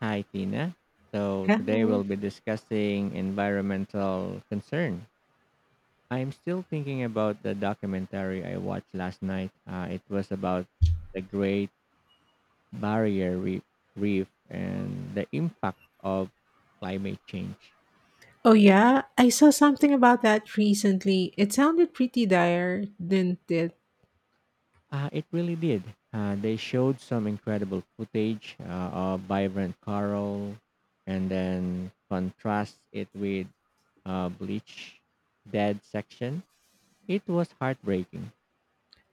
Hi, Tina. So today Hello. we'll be discussing environmental concern. I'm still thinking about the documentary I watched last night. It was about the Great Barrier Reef, and the impact of climate change. Oh yeah, I saw something about that recently. It sounded pretty dire, didn't it? It really did. They showed some incredible footage of vibrant coral and then contrast it with bleach dead section. It was heartbreaking.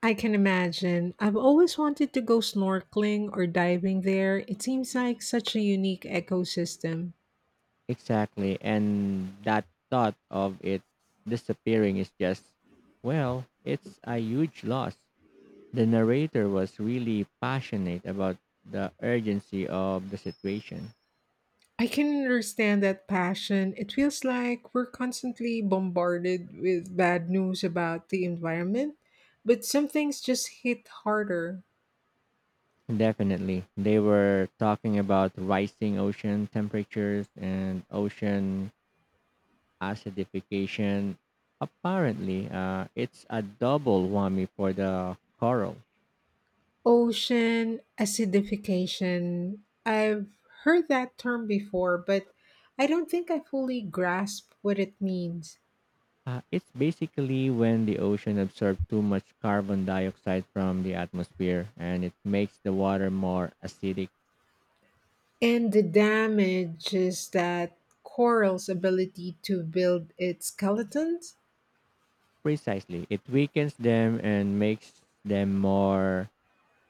I can imagine. I've always wanted to go snorkeling or diving there. It seems like such a unique ecosystem. Exactly. And that thought of it disappearing is just, well, it's a huge loss. The narrator was really passionate about the urgency of the situation. I can understand that passion. It feels like we're constantly bombarded with bad news about the environment, but some things just hit harder. Definitely. They were talking about rising ocean temperatures and ocean acidification. Apparently, it's a double whammy for the coral. Ocean acidification. I've heard that term before, but I don't think I fully grasp what it means. It's basically when the ocean absorbs too much carbon dioxide from the atmosphere and it makes the water more acidic. And the damage is that coral's ability to build its skeletons? Precisely. It weakens them and makes them more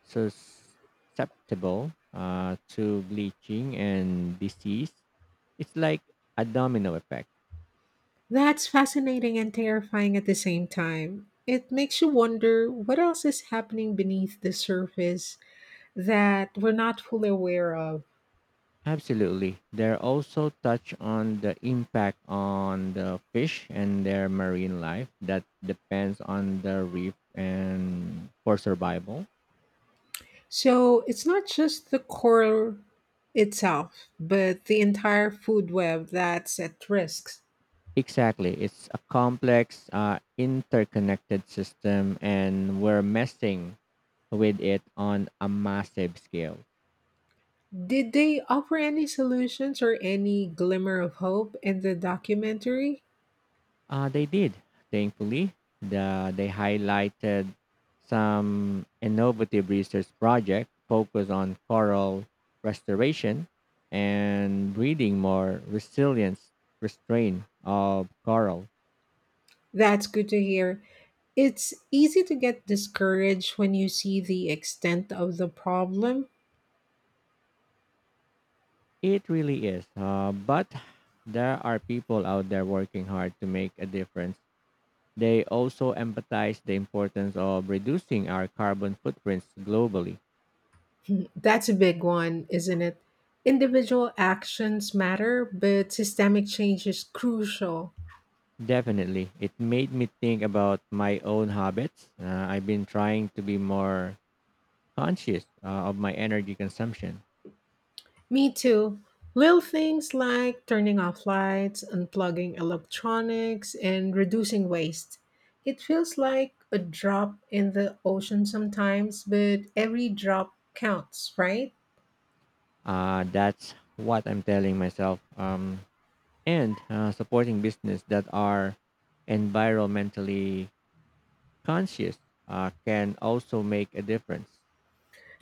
sus- susceptible to bleaching and disease. It's like a domino effect. That's fascinating and terrifying at the same time. It makes you wonder what else is happening beneath the surface that we're not fully aware of. Absolutely. They're also touch on the impact on the fish and their marine life that depends on the reef and for survival. So it's not just the coral itself, but the entire food web that's at risk. Exactly. It's a complex, interconnected system, and we're messing with it on a massive scale. Did they offer any solutions or any glimmer of hope in the documentary? They did, thankfully. They highlighted some innovative research project focused on coral restoration and breeding more resilience restraint of coral. That's good to hear. It's easy to get discouraged when you see the extent of the problem. It really is. But there are people out there working hard to make a difference. They also empathize the importance of reducing our carbon footprints globally. That's a big one, isn't it? Individual actions matter, but systemic change is crucial. Definitely. It made me think about my own habits. I've been trying to be more conscious of my energy consumption. Me too. Little things like turning off lights, unplugging electronics, and reducing waste. It feels like a drop in the ocean sometimes, but every drop counts, right? That's what I'm telling myself. And supporting business that are environmentally conscious can also make a difference.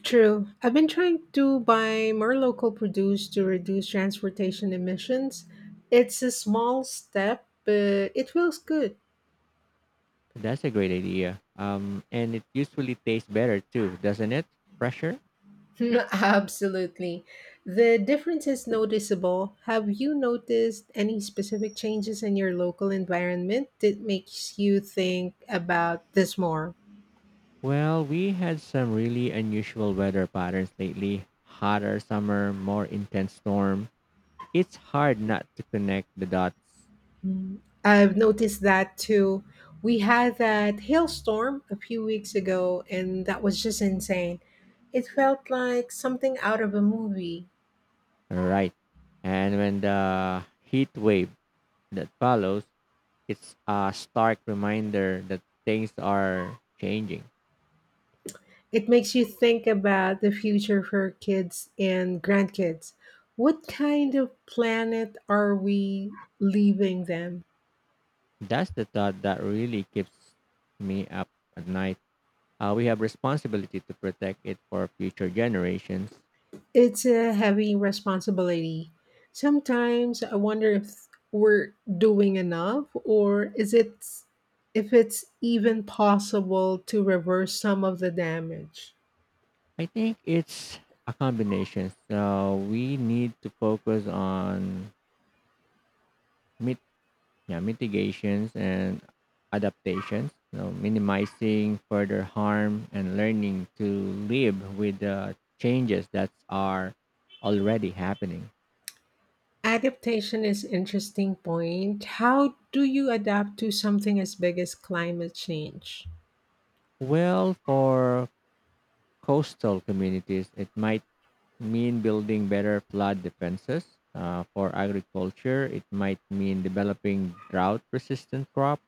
True. I've been trying to buy more local produce to reduce transportation emissions. It's a small step, but it feels good. That's a great idea. And it usually tastes better too, doesn't it? Fresher? Absolutely. The difference is noticeable. Have you noticed any specific changes in your local environment that makes you think about this more? Well, we had some really unusual weather patterns lately. Hotter summer, more intense storm. It's hard not to connect the dots Mm, I've noticed that too. We had that hailstorm a few weeks ago, and that was just insane. It felt like something out of a movie. right. And when the heat wave that follows, it's a stark reminder that things are changing. It makes you think about the future for kids and grandkids. What kind of planet are we leaving them? That's the thought that really keeps me up at night. We have responsibility to protect it for future generations. It's a heavy responsibility. Sometimes I wonder if we're doing enough, or is it, if it's even possible to reverse some of the damage. I think it's a combination. So we need to focus on mit- yeah, mitigations and adaptations, you know, minimizing further harm and learning to live with the changes that are already happening. Adaptation is interesting point. How do you adapt to something as big as climate change? Well, for coastal communities, it might mean building better flood defenses. For agriculture, it might mean developing drought resistant crops.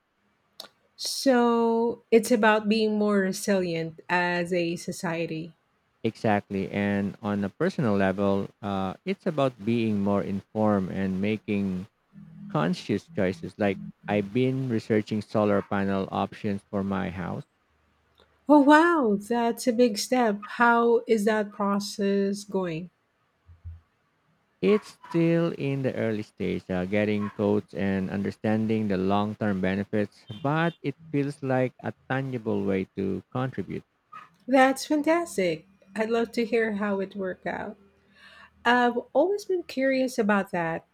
So, it's about being more resilient as a society. Exactly. And on a personal level, it's about being more informed and making conscious choices. Like I've been researching solar panel options for my house. Oh wow, that's a big step. How is that process going? It's still in the early stage, getting quotes and understanding the long term benefits, but it feels like a tangible way to contribute. That's fantastic. I'd love to hear how it worked out. I've always been curious about that.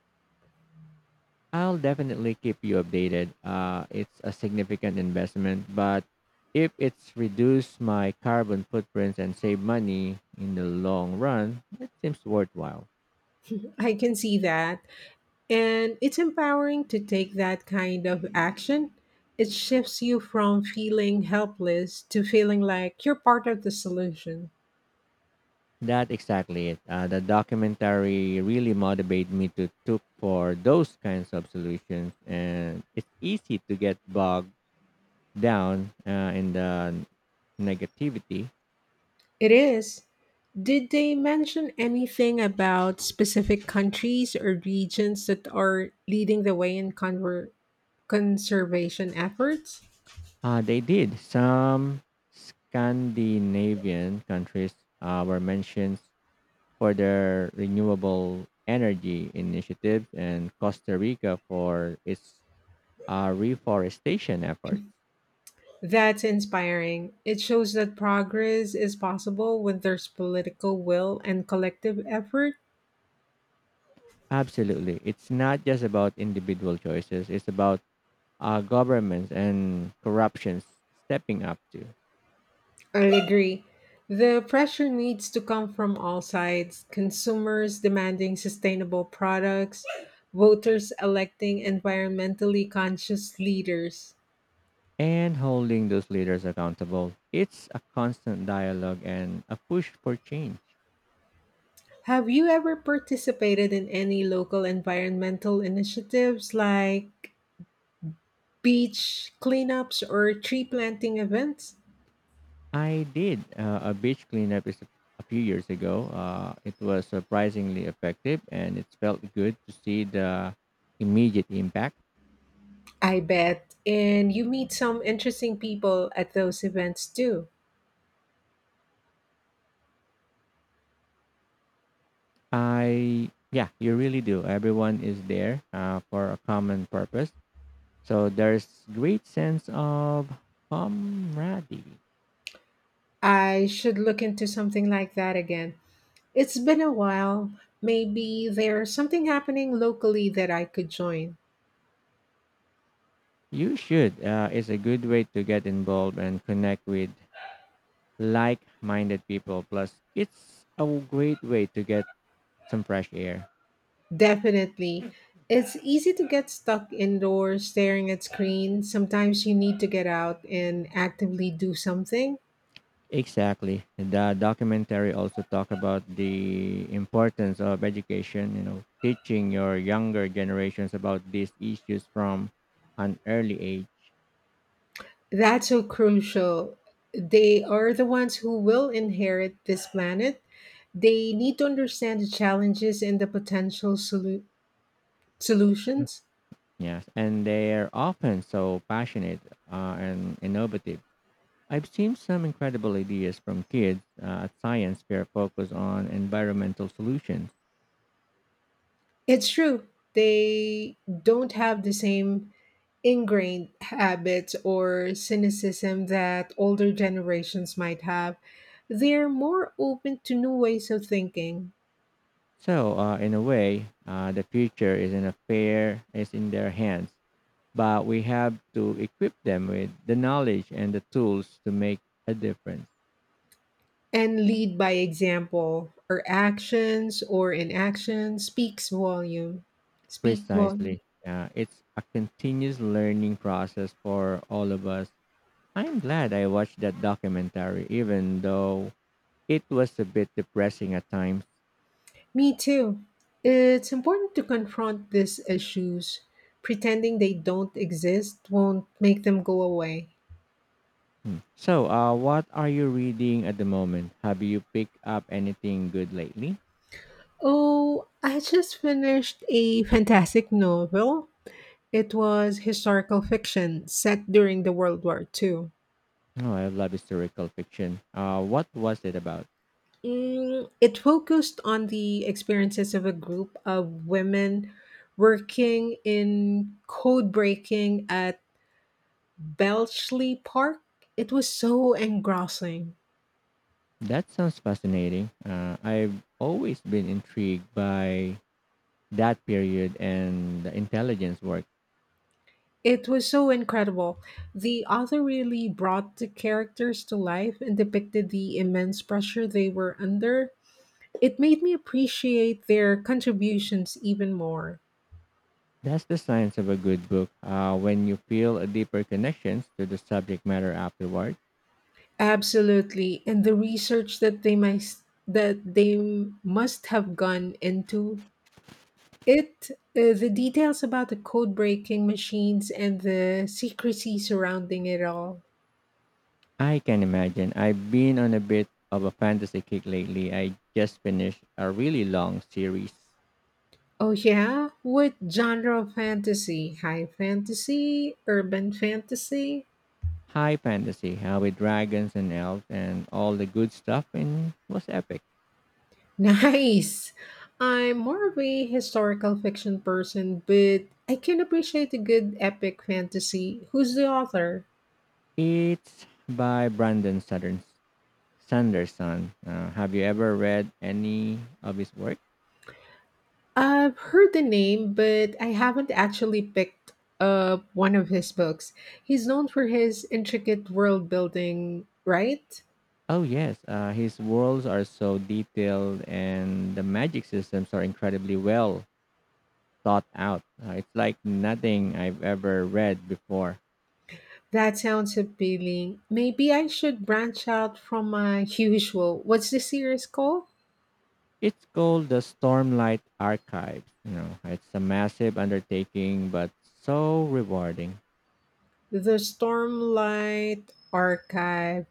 I'll definitely keep you updated. It's a significant investment, but if it's reduce my carbon footprint and save money in the long run, it seems worthwhile. I can see that. And it's empowering to take that kind of action. It shifts you from feeling helpless to feeling like you're part of the solution. That exactly it. The documentary really motivated me to look for those kinds of solutions, and it's easy to get bogged down in the negativity. It is. Did they mention anything about specific countries or regions that are leading the way in conservation efforts? They did. Some Scandinavian countries were mentioned for their renewable energy initiatives and Costa Rica for its reforestation efforts. That's inspiring. It shows that progress is possible when there's political will and collective effort. Absolutely. It's not just about individual choices, it's about governments and corruptions stepping up to I agree. The pressure needs to come from all sides, consumers demanding sustainable products, voters electing environmentally conscious leaders. and holding those leaders accountable. It's a constant dialogue and a push for change. Have you ever participated in any local environmental initiatives like beach cleanups or tree planting events? I did a beach cleanup is a few years ago. It was surprisingly effective, and it felt good to see the immediate impact. I bet. And you meet some interesting people at those events too. I yeah, you really do. Everyone is there for a common purpose, so there's great sense of camaraderie. I should look into something like that again. It's been a while. Maybe there's something happening locally that I could join. You should. It's a good way to get involved and connect with like-minded people. Plus, it's a great way to get some fresh air. Definitely. It's easy to get stuck indoors staring at screens. Sometimes you need to get out and actively do something. Exactly. The documentary also talk about the importance of education, you know, teaching your younger generations about these issues from an early age. That's so crucial. They are the ones who will inherit this planet. They need to understand the challenges and the potential Mm. solutions. Yes, and they're often so passionate and innovative. I've seen some incredible ideas from kids at science fair focus on environmental solutions. It's true. They don't have the same ingrained habits or cynicism that older generations might have. They're more open to new ways of thinking So, in a way, the future is in a fair is in their hands, but we have to equip them with the knowledge and the tools to make a difference. and lead by example. Our actions or inaction speaks volume. Speak volume. Precisely. Yeah, it's a continuous learning process for all of us. I'm glad I watched that documentary, even though it was a bit depressing at times. Me too. It's important to confront these issues. Pretending they don't exist won't make them go away. Hmm. So, what are you reading at the moment? Have you picked up anything good lately? Oh, I just finished a fantastic novel. It was historical fiction set during the World War II. Oh, I love historical fiction. What was it about? Mm, it focused on the experiences of a group of women working in code breaking at Bletchley Park. It was so engrossing. That sounds fascinating. I've always been intrigued by that period and the intelligence work. It was so incredible. The author really brought the characters to life and depicted the immense pressure they were under. It made me appreciate their contributions even more. That's the science of a good book. When you feel a deeper connection to the subject matter afterward. Absolutely, and the research that they must have gone into it. The details about the code breaking machines and the secrecy surrounding it all. I can imagine. I've been on a bit of a fantasy kick lately. I just finished a really long series, Oh yeah, what genre of fantasy? High fantasy, urban fantasy? high fantasy, with dragons and elves and all the good stuff, and was epic. Nice. I'm more of a historical fiction person, but I can appreciate a good epic fantasy. Who's the author? It's by Brandon Sanderson. Sanderson. Have you ever read any of his work? I've heard the name, but I haven't actually picked up one of his books. He's known for his intricate world building, right? Oh yes, his worlds are so detailed, and the magic systems are incredibly well thought out. It's like nothing I've ever read before. That sounds appealing. Maybe I should branch out from my usual. What's the series called? It's called the Stormlight Archives. You know, it's a massive undertaking, but so rewarding, The Stormlight Archive.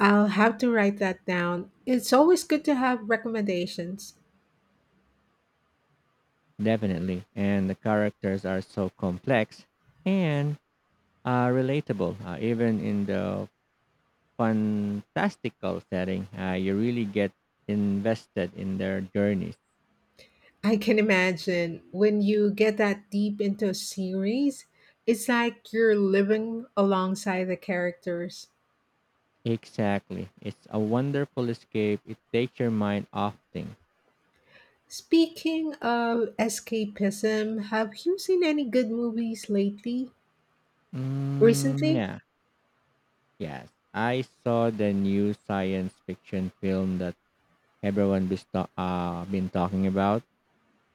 I'll have to write that down. It's always good to have recommendations. definitely. And the characters are so complex and relatable, even in the fantastical setting. You really get invested in their journeys. I can imagine when you get that deep into a series, it's like you're living alongside the characters. Exactly. It's a wonderful escape. It takes your mind off things. Speaking of escapism, have you seen any good movies lately? Mm, Recently? yeah. Yes. I saw the new science fiction film that everyone been, been talking about.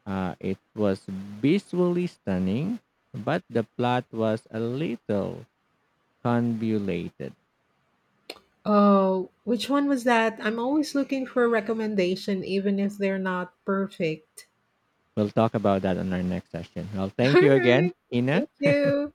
It was visually stunning, but the plot was a little convoluted. Oh, which one was that? I'm always looking for a recommendation, even if they're not perfect. We'll talk about that on our next session. Well, thank All you again, right. Ina. Thank you.